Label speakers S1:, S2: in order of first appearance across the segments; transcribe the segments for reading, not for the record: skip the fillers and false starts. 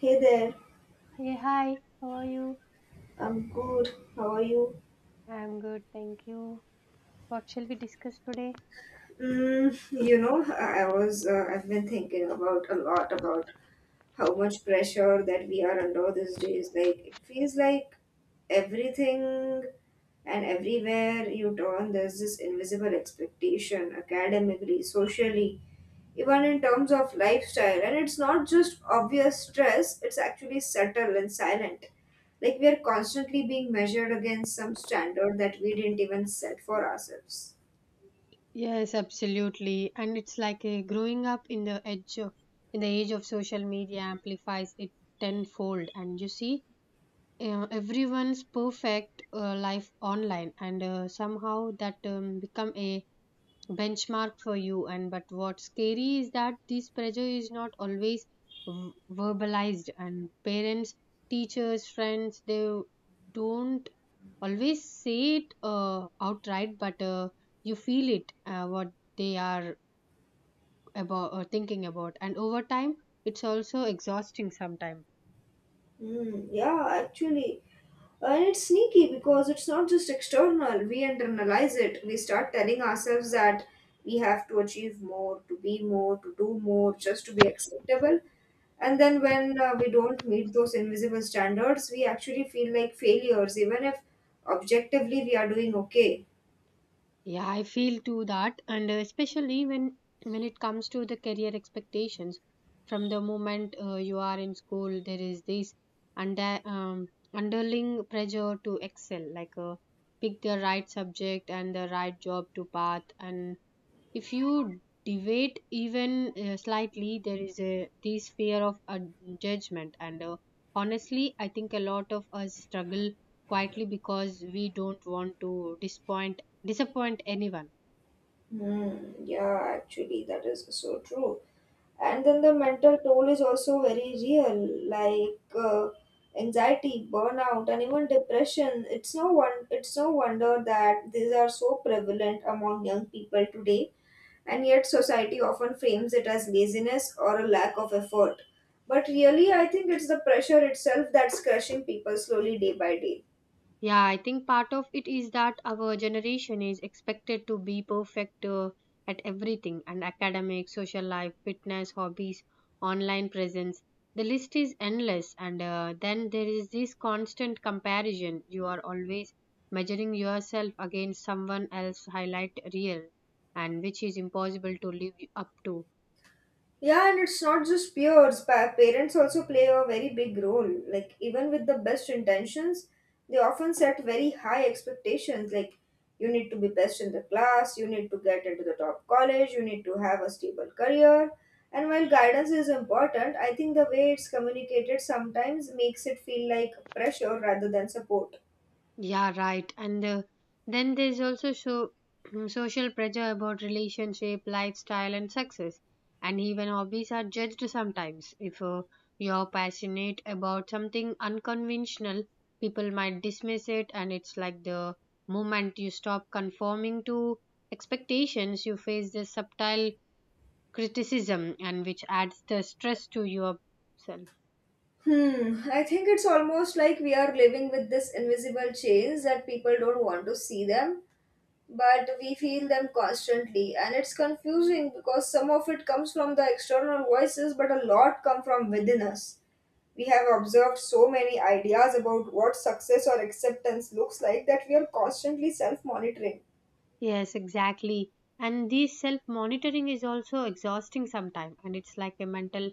S1: Hey there,
S2: Hey, hi, how are you?
S1: I'm good. How are you?
S2: I'm good, thank you. What shall we discuss today?
S1: I've been thinking about a lot about how much pressure that we are under these days. Like it feels like everything and everywhere you turn, there's this invisible expectation academically, socially, even in terms of lifestyle. And it's not just obvious stress, it's actually subtle and silent. Like we are constantly being measured against some standard that we didn't even set for ourselves.
S2: Yes, absolutely. And it's like a growing up in the edge of, in the age of social media amplifies it tenfold. And you see, everyone's perfect life online, and somehow that become a benchmark for you, and but what's scary is that this pressure is not always verbalized, and parents, teachers, friends, they don't always say it outright, but you feel it, what they are about, thinking about, and over time it's also exhausting sometimes.
S1: Hmm, yeah, actually. And it's sneaky because it's not just external. We internalize it. We start telling ourselves that we have to achieve more, to be more, to do more, just to be acceptable. And then when we don't meet those invisible standards, we actually feel like failures, even if objectively we are doing okay.
S2: Yeah, I feel too that, and especially when it comes to the career expectations, from the moment you are in school, there is this underling pressure to excel, like, pick the right subject and the right job to path, and if you deviate even slightly, there is a this fear of judgment, and honestly I think a lot of us struggle quietly because we don't want to disappoint disappoint anyone.
S1: Hmm, yeah, actually, that is so true. And then the mental toll is also very real, like anxiety, burnout, and even depression. It's no wonder that these are so prevalent among young people today, and yet society often frames it as laziness or a lack of effort. But really, I think it's the pressure itself that's crushing people slowly day by day.
S2: Yeah, I think part of it is that our generation is expected to be perfect at everything, and academic, social life, fitness, hobbies, online presence. The list is endless, and then there is this constant comparison. You are always measuring yourself against someone else's highlight reel, and which is impossible to live up to.
S1: Yeah, and it's not just peers. Parents also play a very big role. Like, even with the best intentions, they often set very high expectations. Like, you need to be best in the class, you need to get into the top college, you need to have a stable career. And while guidance is important, I think the way it's communicated sometimes makes it feel like pressure rather than support.
S2: Yeah, right. And then there's also so, social pressure about relationship, lifestyle, and success. And even hobbies are judged sometimes. If you're passionate about something unconventional, people might dismiss it, and it's like the moment you stop conforming to expectations, you face this subtle criticism, and which adds the stress to yourself.
S1: Hmm, I think it's almost like we are living with this invisible chains that people don't want to see them, but we feel them constantly. And it's confusing because some of it comes from the external voices, but a lot come from within us. We have observed so many ideas about what success or acceptance looks like that we are constantly self monitoring.
S2: Yes, exactly. And this self monitoring is also exhausting sometimes, and it's like a mental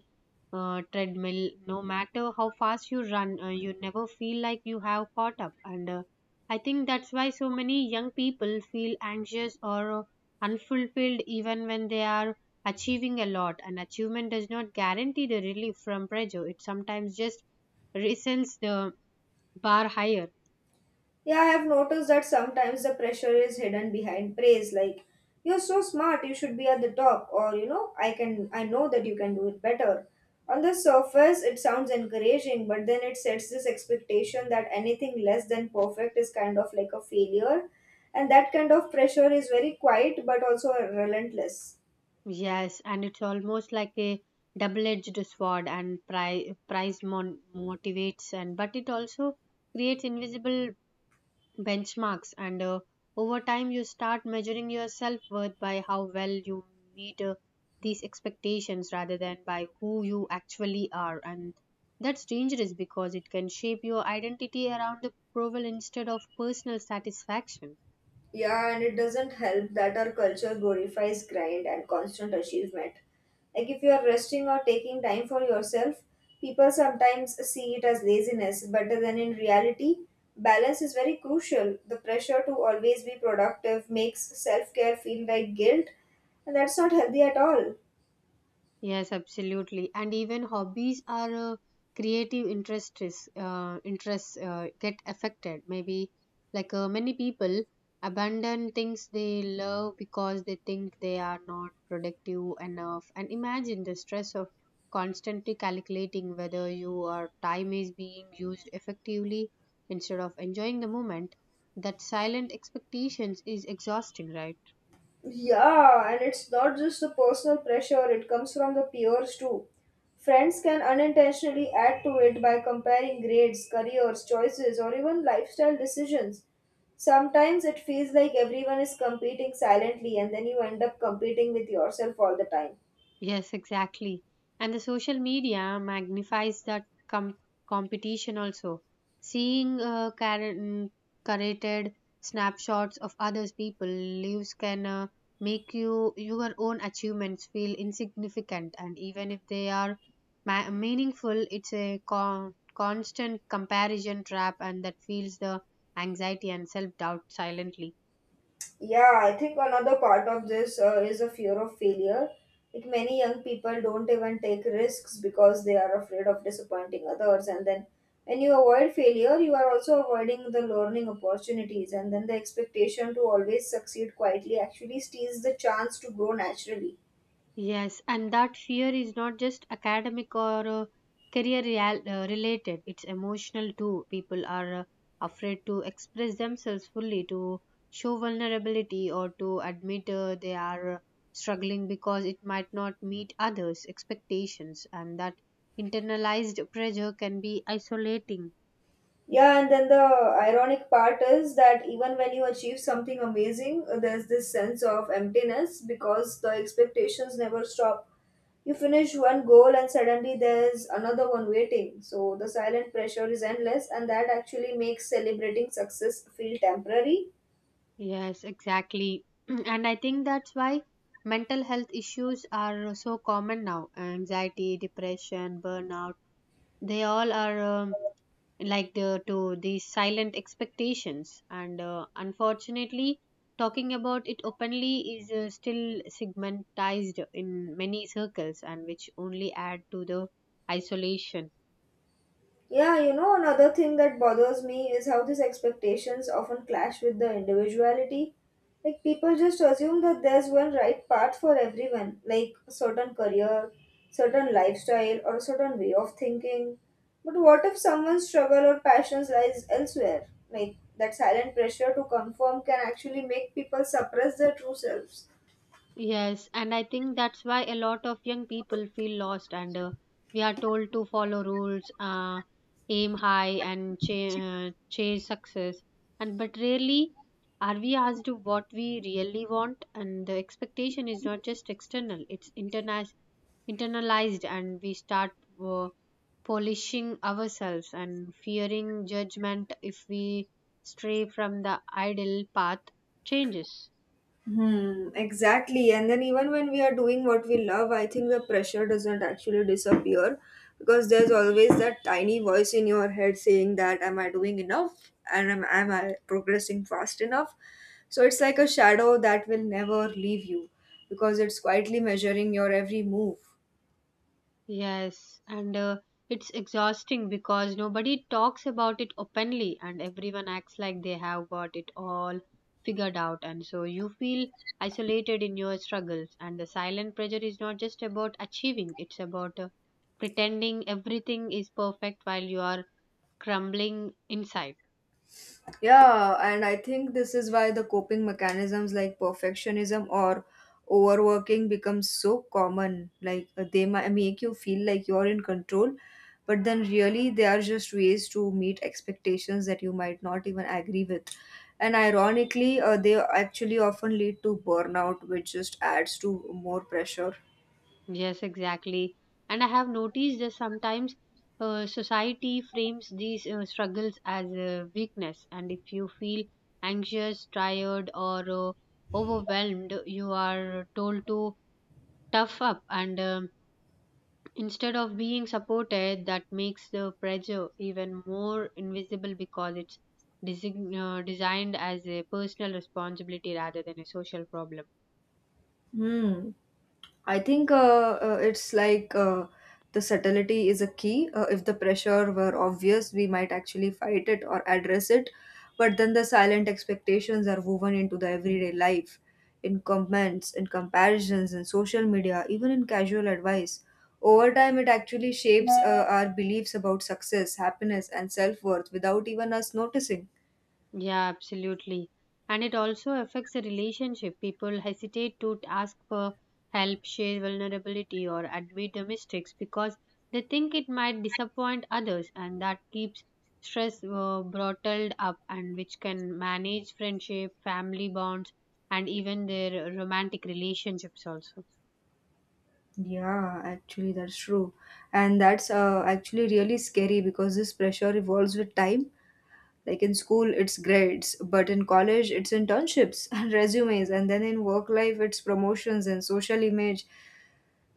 S2: treadmill. No matter how fast you run, you never feel like you have caught up. And I think that's why so many young people feel anxious or unfulfilled even when they are achieving a lot. And achievement does not guarantee the relief from pressure, it sometimes just resets the bar higher.
S1: Yeah, I have noticed that sometimes the pressure is hidden behind praise, like you're so smart, you should be at the top, or I know that you can do it better. On the surface, it sounds encouraging, but then it sets this expectation that anything less than perfect is kind of like a failure, and that kind of pressure is very quiet but also relentless.
S2: Yes, and it's almost like a double-edged sword, and price motivates, and but it also creates invisible benchmarks, and over time you start measuring your self-worth by how well you meet these expectations rather than by who you actually are, and that's dangerous because it can shape your identity around approval instead of personal satisfaction.
S1: Yeah, and it doesn't help that our culture glorifies grind and constant achievement. Like if you are resting or taking time for yourself, people sometimes see it as laziness, but then in reality, balance is very crucial. The pressure to always be productive makes self care feel like guilt, and that's not healthy at all.
S2: Yes, absolutely. And even hobbies are creative interests. Interests get affected. Maybe like, many people abandon things they love because they think they are not productive enough. And imagine the stress of constantly calculating whether your time is being used effectively instead of enjoying the moment. That silent expectations is exhausting, right?
S1: Yeah, and it's not just the personal pressure, it comes from the peers too. Friends can unintentionally add to it by comparing grades, careers, choices, or even lifestyle decisions. Sometimes it feels like everyone is competing silently, and then you end up competing with yourself all the time.
S2: Yes, exactly. And the social media magnifies that competition also. Seeing curated snapshots of others' people lives can make you your own achievements feel insignificant, and even if they are meaningful, it's a constant comparison trap, and that feels the anxiety and self doubt silently.
S1: Yeah, I think another part of this is a fear of failure. Like many young people don't even take risks because they are afraid of disappointing others. And then when you avoid failure, you are also avoiding the learning opportunities. And then the expectation to always succeed quietly actually steals the chance to grow naturally.
S2: Yes, and that fear is not just academic or career real, related, it's emotional too. People are afraid to express themselves fully, to show vulnerability, or to admit they are struggling because it might not meet others' expectations, and that internalized pressure can be isolating.
S1: Yeah, and then the ironic part is that even when you achieve something amazing, there's this sense of emptiness because the expectations never stop. You finish one goal and suddenly there's another one waiting. So the silent pressure is endless, and that actually makes celebrating success feel temporary.
S2: Yes, exactly. And I think that's why mental health issues are so common now, anxiety, depression, burnout, they all are like the to these silent expectations, and unfortunately talking about it openly is still segmentized in many circles, and which only add to the isolation.
S1: Yeah, you know, another thing that bothers me is how these expectations often clash with the individuality. Like, people just assume that there's one right path for everyone, like a certain career, certain lifestyle, or a certain way of thinking. But what if someone's struggle or passions lies elsewhere? Like, that silent pressure to conform can actually make people suppress their true selves.
S2: Yes, and I think that's why a lot of young people feel lost, and we are told to follow rules, aim high, and chase success. And but rarely are we asked what we really want, and the expectation is not just external; it's internalized, and we start uh, polishing ourselves and fearing judgment if we stray from the ideal path changes.
S1: Hmm, exactly. And then even when we are doing what we love, I think the pressure doesn't actually disappear because there's always that tiny voice in your head saying that am I doing enough and am I progressing fast enough? So it's like a shadow that will never leave you because it's quietly measuring your every move.
S2: Yes, and it's exhausting because nobody talks about it openly, and everyone acts like they have got it all figured out. And so you feel isolated in your struggles. And the silent pressure is not just about achieving, it's about pretending everything is perfect while you are crumbling inside.
S1: Yeah, and I think this is why the coping mechanisms like perfectionism or overworking become so common. They might make you feel like you're in control, but then really they are just ways to meet expectations that you might not even agree with. And ironically, they actually often lead to burnout, which just adds to more pressure.
S2: Yes, exactly. And I have noticed that sometimes society frames these struggles as a weakness. And if you feel anxious, tired, or overwhelmed, you are told to tough up. And instead of being supported, that makes the pressure even more invisible because it's designed as a personal responsibility rather than a social problem.
S1: Hmm. I think it's like the subtlety is a key. If the pressure were obvious, we might actually fight it or address it. But then the silent expectations are woven into the everyday life, in comments, in comparisons, in social media, even in casual advice. Over time, it actually shapes our beliefs about success, happiness, and self worth without even us noticing.
S2: Yeah, absolutely. And it also affects the relationship. People hesitate to ask for help, share vulnerability, or admit the mistakes because they think it might disappoint others, and that keeps stress bottled up, and which can manage friendship, family bonds, and even their romantic relationships also.
S1: Yeah, actually, that's true. And that's actually really scary because this pressure evolves with time. Like in school, it's grades, but in college, it's internships and resumes, and then in work life, it's promotions and social image.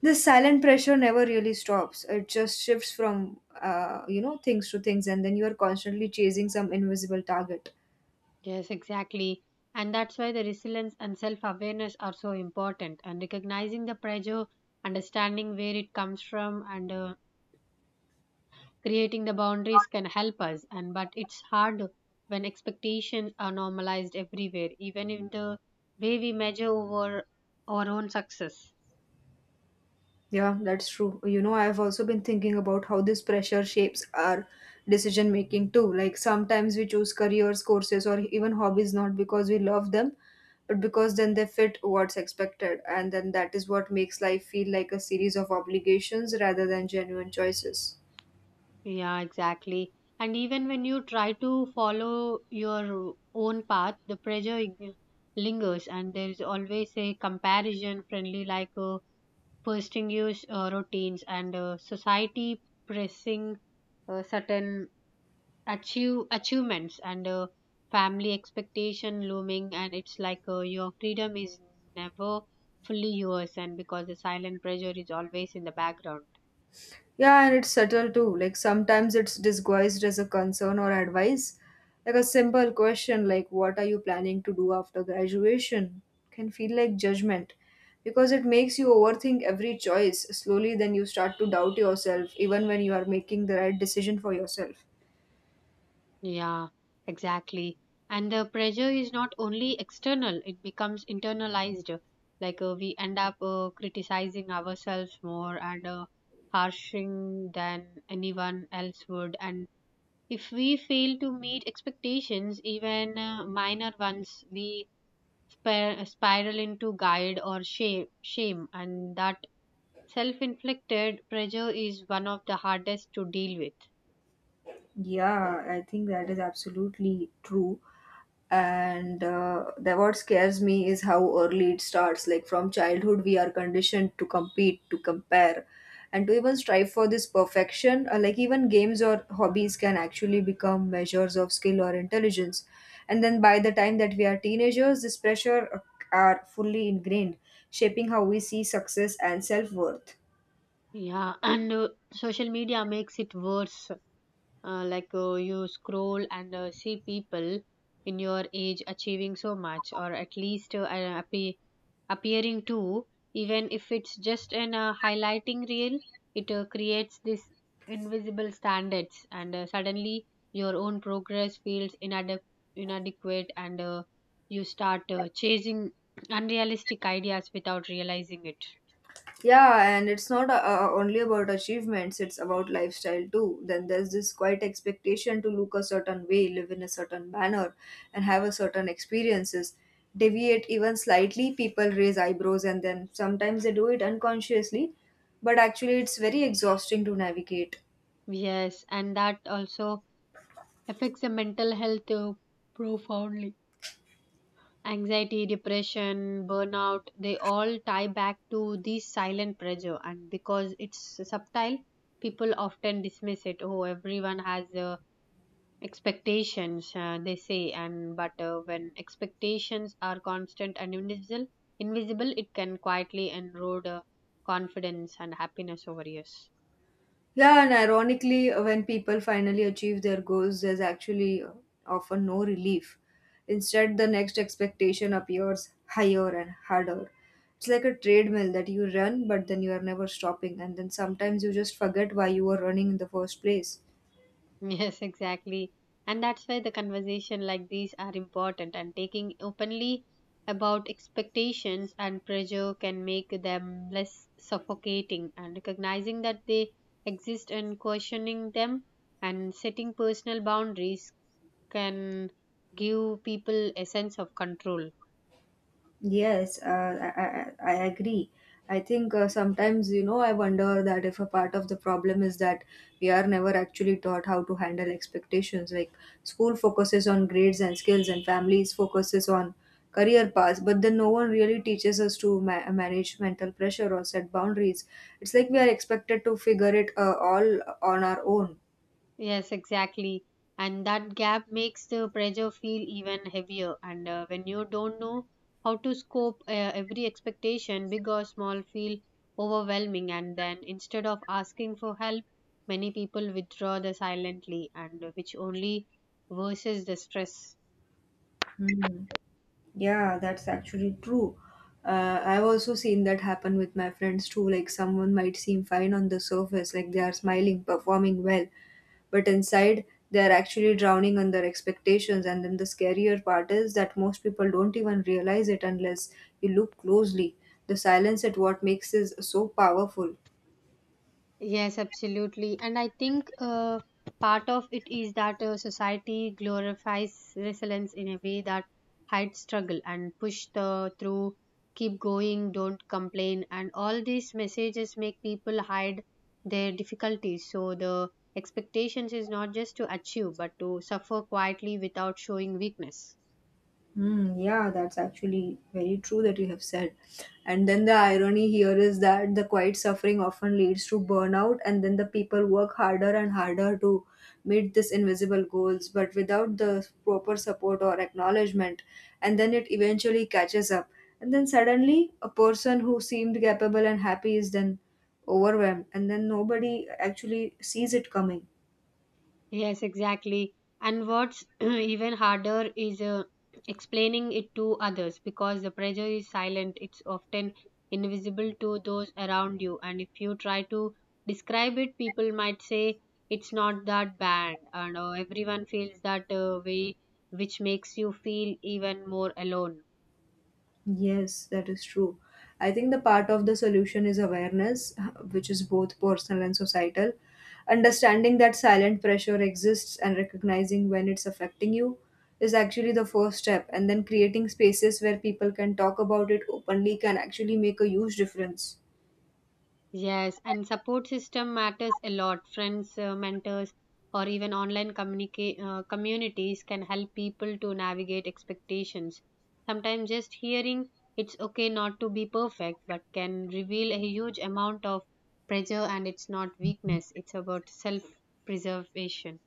S1: This silent pressure never really stops. It just shifts from, things to things, and then you are constantly chasing some invisible target.
S2: Yes, exactly. And that's why the resilience and self awareness are so important, and recognizing the pressure, understanding where it comes from, and creating the boundaries can help us, and but it's hard when expectations are normalized everywhere, even in the way we measure over our own success.
S1: Yeah, that's true. You know, I've also been thinking about how this pressure shapes our decision making too. Like sometimes we choose careers, courses, or even hobbies not because we love them, but because then they fit what's expected. And then that is what makes life feel like a series of obligations rather than genuine choices.
S2: Yeah, exactly. And even when you try to follow your own path, the pressure lingers, and there is always a comparison friendly, like, posting use routines, and society pressing certain achievements, and family expectation looming, and it's like your freedom is never fully yours, and because the silent pressure is always in the background.
S1: Yeah, and it's subtle too. Like sometimes it's disguised as a concern or advice. Like a simple question like what are you planning to do after graduation can feel like judgment because it makes you overthink every choice. Slowly then you start to doubt yourself even when you are making the right decision for yourself.
S2: Yeah, exactly. And the pressure is not only external, it becomes internalized, like, we end up criticizing ourselves more and harshing than anyone else would, and if we fail to meet expectations, even minor ones, we spiral into guilt or shame, and that self inflicted pressure is one of the hardest to deal with.
S1: Yeah, I think that is absolutely true. And the what scares me is how early it starts, like from childhood we are conditioned to compete, to compare, and to even strive for this perfection. Like even games or hobbies can actually become measures of skill or intelligence, and then by the time that we are teenagers this pressure are fully ingrained, shaping how we see success and self-worth.
S2: Yeah, and social media makes it worse, like, you scroll and see people in your age achieving so much, or at least appearing to, even if it's just an highlighting reel, it creates this invisible standards, and suddenly your own progress feels inadequate, and you start chasing unrealistic ideas without realizing it.
S1: Yeah, and it's not only about achievements, it's about lifestyle too. Then there's this quite expectation to look a certain way, live in a certain manner, and have a certain experiences. Deviate even slightly, people raise eyebrows, and then sometimes they do it unconsciously, but actually, it's very exhausting to navigate.
S2: Yes, and that also affects the mental health profoundly, anxiety, depression, burnout, they all tie back to this silent pressure. And because it's subtle, people often dismiss it. Oh, everyone has expectations, they say. And but when expectations are constant and invisible, it can quietly erode confidence and happiness over years.
S1: Yeah, and ironically, when people finally achieve their goals, there's actually often no relief. Instead, the next expectation appears higher and harder. It's like a treadmill that you run, but then you are never stopping, and then sometimes you just forget why you were running in the first place.
S2: Yes, exactly. And that's why the conversation like these are important, and taking openly about expectations and pressure can make them less suffocating, and recognizing that they exist and questioning them and setting personal boundaries can give people a sense of control.
S1: Yes, I agree. I think sometimes, you know, I wonder that if a part of the problem is that we are never actually taught how to handle expectations. Like school focuses on grades and skills, and families focuses on career paths, but then no one really teaches us to manage mental pressure or set boundaries. It's like we are expected to figure it all on our own.
S2: Yes, exactly. And that gap makes the pressure feel even heavier. And when you don't know how to scope, every expectation, big or small, feel overwhelming. And then instead of asking for help, many people withdraw the silently, and which only worsens the stress.
S1: Hmm. Yeah, that's actually true. I've also seen that happen with my friends too. Like, someone might seem fine on the surface, like they are smiling, performing well, but inside they are actually drowning on their expectations. And then the scarier part is that most people don't even realize it unless you look closely. The silence at what makes is so powerful.
S2: Yes, absolutely. And I think part of it is that society glorifies resilience in a way that hides struggle and push the through, keep going, don't complain. And all these messages make people hide their difficulties. So the expectations is not just to achieve, but to suffer quietly without showing weakness.
S1: Hmm, yeah, that's actually very true that you have said. And then the irony here is that the quiet suffering often leads to burnout, and then the people work harder and harder to meet these invisible goals, but without the proper support or acknowledgement. And then it eventually catches up. And then suddenly, a person who seemed capable and happy is then overwhelmed, and then nobody actually sees it coming.
S2: Yes, exactly. And what's even harder is explaining it to others because the pressure is silent. It's often invisible to those around you. And if you try to describe it, people might say it's not that bad. And everyone feels that way, which makes you feel even more alone.
S1: Yes, that is true. I think the part of the solution is awareness, which is both personal and societal. Understanding that silent pressure exists and recognizing when it's affecting you is actually the first step. And then creating spaces where people can talk about it openly can actually make a huge difference.
S2: Yes, and support system matters a lot. Friends, mentors, or even online communities can help people to navigate expectations. Sometimes just hearing it's okay not to be perfect, but can reveal a huge amount of pressure, and it's not weakness, it's about self preservation.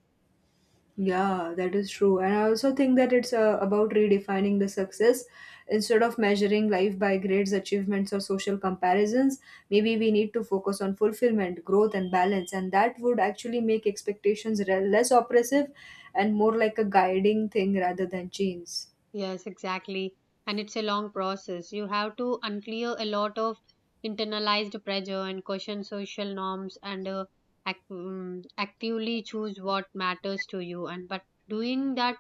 S1: Yeah, that is true. And I also think that it's about redefining the success. Instead of measuring life by grades, achievements, or social comparisons, maybe we need to focus on fulfillment, growth, and balance. And that would actually make less oppressive and more like a guiding thing rather than chains.
S2: Yes, exactly. And it's a long process. You have to unclear a lot of internalized pressure and question social norms, and actively choose what matters to you. And but doing that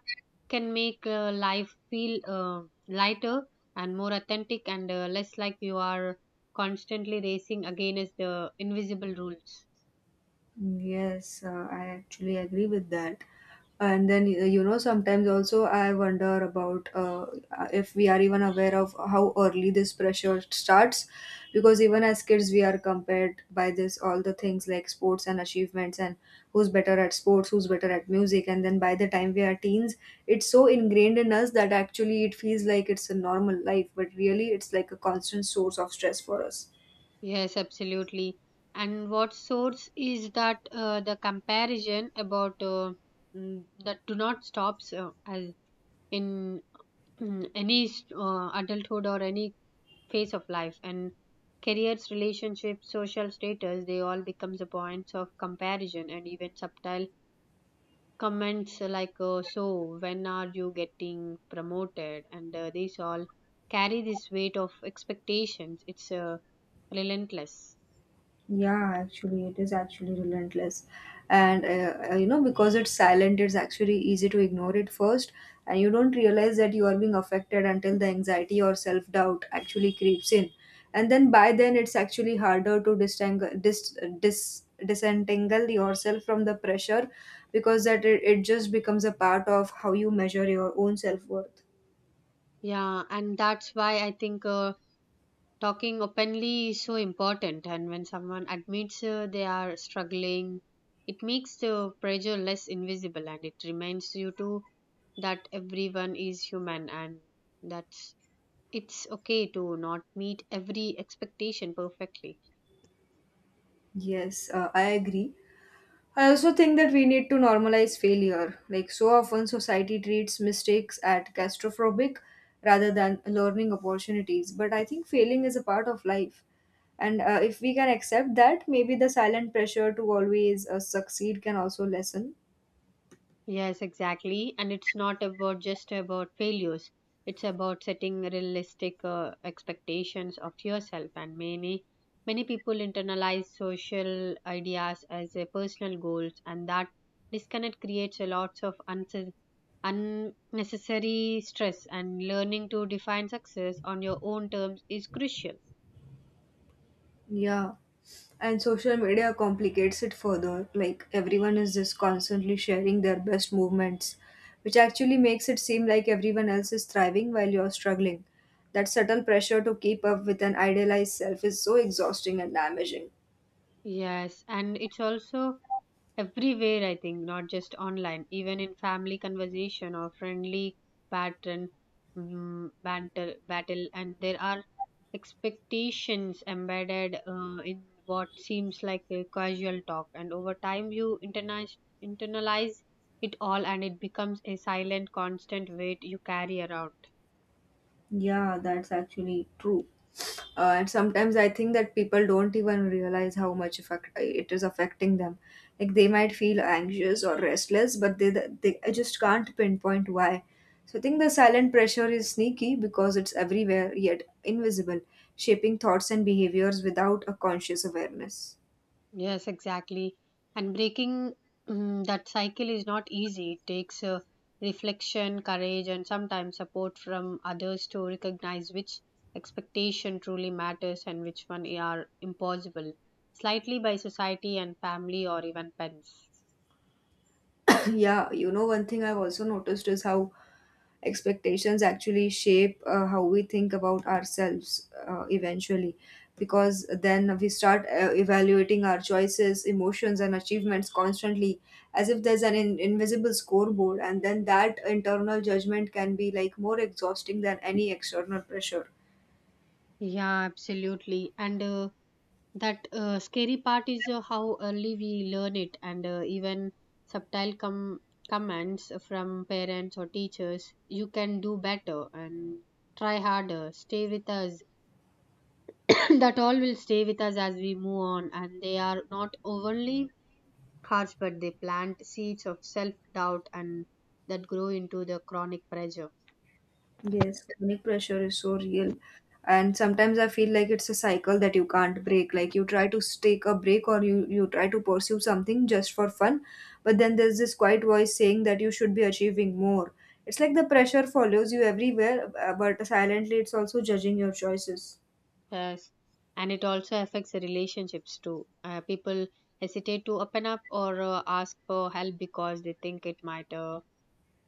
S2: can make life feel lighter and more authentic, and less like you are constantly racing against the invisible rules.
S1: Yes, I actually agree with that. And then, sometimes also I wonder about if we are even aware of how early this pressure starts. Because even as kids, we are compared by this, all the things like sports and achievements, and who's better at sports, who's better at music. And then by the time we are teens, it's so ingrained in us that actually it feels like it's a normal life, but really it's like a constant source of stress for us.
S2: Yes, absolutely. And what sorts is that the comparison about that do not stops as in adulthood or any phase of life and careers, relationships, social status, they all becomes the points of comparison and even subtle comments like so when are you getting promoted and these all carry this weight of expectations. It's relentless.
S1: Yeah, actually, it is actually relentless. And, because it's silent, it's actually easy to ignore it first. And you don't realize that you are being affected until the anxiety or self doubt actually creeps in. And then by then, it's actually harder to disentangle yourself from the pressure because that it just becomes a part of how you measure your own self worth.
S2: Yeah, and that's why I think talking openly is so important. And when someone admits they are struggling, it makes the pressure less invisible and it reminds you too that everyone is human and that it's okay to not meet every expectation perfectly.
S1: Yes, I agree. I also think that we need to normalize failure. Like, so often society treats mistakes at claustrophobic rather than learning opportunities. But I think failing is a part of life. And if we can accept that, maybe the silent pressure to always succeed can also lessen.
S2: Yes, exactly. And it's not about just about failures. It's about setting realistic expectations of yourself. And many people internalize social ideas as a personal goals, and that disconnect creates a lots of unnecessary stress. And learning to define success on your own terms is crucial.
S1: Yeah. And social media complicates it further. Like everyone is just constantly sharing their best movements, which actually makes it seem like everyone else is thriving while you're struggling. That subtle pressure to keep up with an idealized self is so exhausting and damaging.
S2: Yes, and it's also everywhere, I think, not just online, even in family conversation or friendly pattern, banter, battle, and there are expectations embedded in what seems like a casual talk, and over time you internalize it all, and it becomes a silent constant weight you carry around.
S1: Yeah, that's actually true. And sometimes I think that people don't even realize how much effect it is affecting them like they might feel anxious or restless but they I just can't pinpoint why. So I think the silent pressure is sneaky because it's everywhere yet invisible, shaping thoughts and behaviors without a conscious awareness.
S2: Yes, exactly. And breaking that cycle is not easy. It takes reflection, courage, and sometimes support from others to recognize which expectation truly matters and which one are impossible, slightly by society and family or even pets.
S1: Yeah, you know, one thing I've also noticed is how expectations actually shape how we think about ourselves eventually, because then we start evaluating our choices, emotions, and achievements constantly as if there's an invisible scoreboard, and then that internal judgment can be like more exhausting than any external pressure.
S2: Yeah, absolutely. And that scary part is how early we learn it, and even subtle commands from parents or teachers, you can do better and try harder, stay with us that all will stay with us as we move on, and they are not only harsh, but they plant seeds of self doubt and that grow into the chronic pressure.
S1: Yes, chronic pressure is so real. And sometimes I feel like it's a cycle that you can't break. Like you try to take a break or you try to pursue something just for fun, but then there's this quiet voice saying that you should be achieving more. It's like the pressure follows you everywhere, but silently it's also judging your choices.
S2: Yes, and it also affects the relationships too. People hesitate to open up or ask for help because they think it might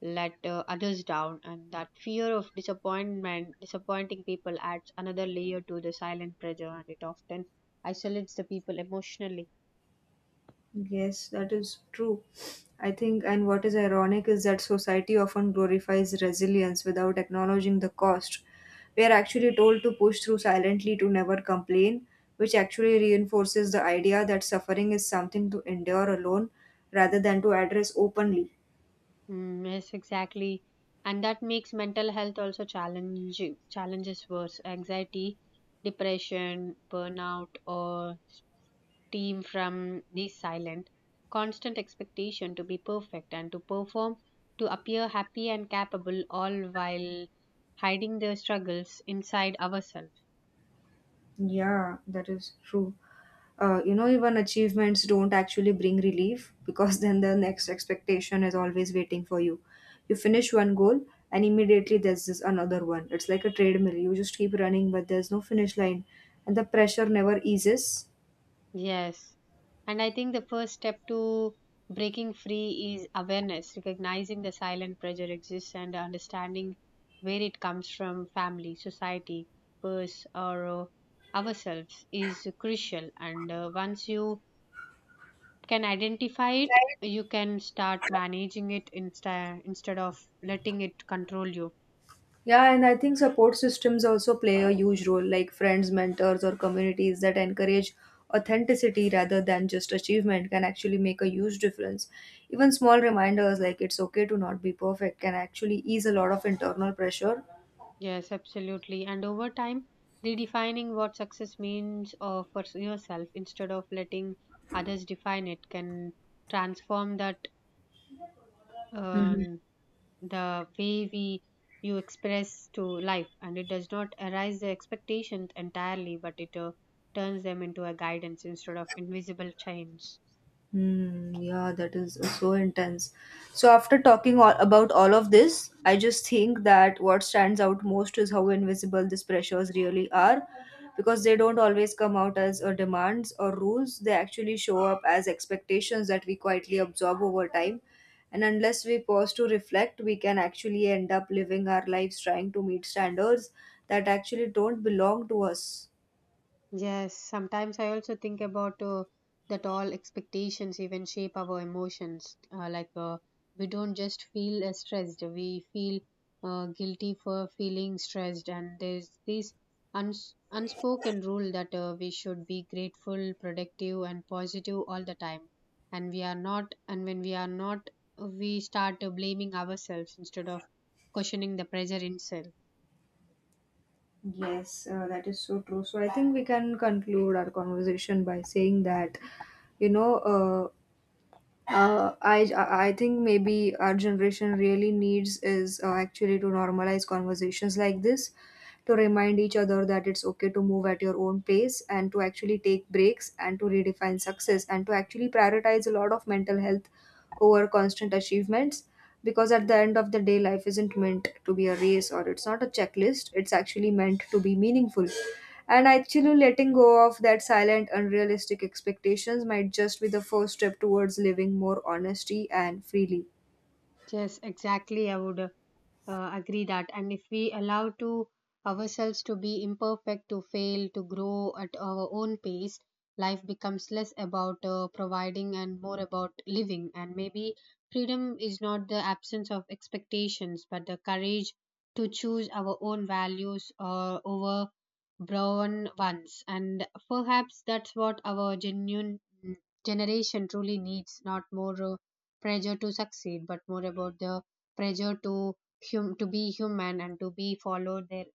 S2: let others down, and that disappointing people adds another layer to the silent pressure, and it often isolates the people emotionally.
S1: Yes, that is true. I think, and what is ironic is that society often glorifies resilience without acknowledging the cost. We are actually told to push through silently, to never complain, which actually reinforces the idea that suffering is something to endure alone rather than to address openly.
S2: Yes, exactly, and that makes mental health also challenges worse. Anxiety, depression, burnout, or team from this silent, constant expectation to be perfect and to perform, to appear happy and capable, all while hiding the struggles inside ourselves.
S1: Yeah, that is true. You know, even achievements don't actually bring relief because then the next expectation is always waiting for you. You finish one goal and immediately there's this another one. It's like a treadmill. You just keep running, but there's no finish line, and the pressure never eases.
S2: Yes. And I think the first step to breaking free is awareness, recognizing the silent pressure exists and understanding where it comes from, family, society, purse, or ourselves, is crucial. And once you can identify it, you can start managing it instead of letting it control you.
S1: Yeah, and I think support systems also play a huge role, like friends, mentors, or communities that encourage authenticity rather than just achievement can actually make a huge difference. Even small reminders like it's okay to not be perfect can actually ease a lot of internal pressure.
S2: Yes, absolutely. And over time, redefining what success means for yourself instead of letting others define it can transform that, um, the way we, you express to life. And it does not arise the expectations entirely, but it turns them into a guidance instead of invisible chains.
S1: Hmm. Yeah, that is so intense. So after talking all about all of this, I just think that what stands out most is how invisible these pressures really are, because they don't always come out as demands or rules. They actually show up as expectations that we quietly absorb over time, and unless we pause to reflect, we can actually end up living our lives trying to meet standards that actually don't belong to us.
S2: Yes, sometimes I also think about that all expectations even shape our emotions. Like we don't just feel stressed, we feel guilty for feeling stressed, and there's this unspoken rule that we should be grateful, productive, and positive all the time. And we are not, and when we are not, we start blaming ourselves instead of questioning the pressure itself.
S1: Yes, that is so true. So I think we can conclude our conversation by saying that, you know, I think maybe our generation really needs is actually to normalize conversations like this, to remind each other that it's okay to move at your own pace and to actually take breaks and to redefine success and to actually prioritize a lot of mental health over constant achievements, because at the end of the day life isn't meant to be a race or it's not a checklist, it's actually meant to be meaningful, and actually letting go of that silent unrealistic expectations might just be the first step towards living more honesty and freely.
S2: Yes, exactly. I would. Agree that, and if we allow to ourselves to be imperfect, to fail, to grow at our own pace, life becomes less about providing and more about living, and maybe freedom is not the absence of expectations, but the courage to choose our own values over brown ones. And perhaps that's what our genuine generation truly needs, not more pressure to succeed, but more about the pressure to to be human and to be follow their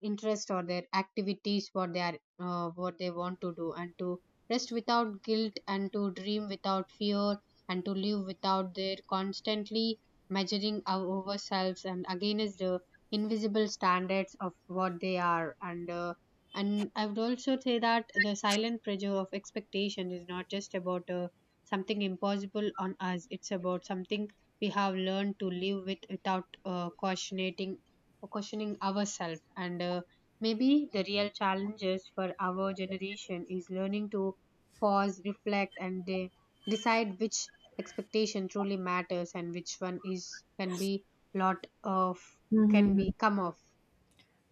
S2: interest or their activities, what they are, what they want to do, and to rest without guilt, and to dream without fear, and to live without their constantly measuring our ourselves and against the invisible standards of what they are. And and I would also say that the silent pressure of expectation is not just about something impossible on us. It's about something we have learned to live with without questioning ourselves. And maybe the real challenges for our generation is learning to pause, reflect, and decide which expectation truly matters and which one is, can be lot of, can
S1: Mm-hmm.
S2: be come off.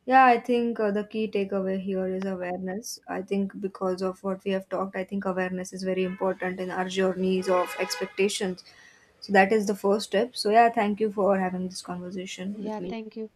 S1: Yeah, I think the key takeaway here is awareness. I think because of what we have talked, I think awareness is very important in our journeys of expectations. So that is the first step. So yeah, thank you for having this conversation with
S2: Yeah,
S1: me.
S2: thank you.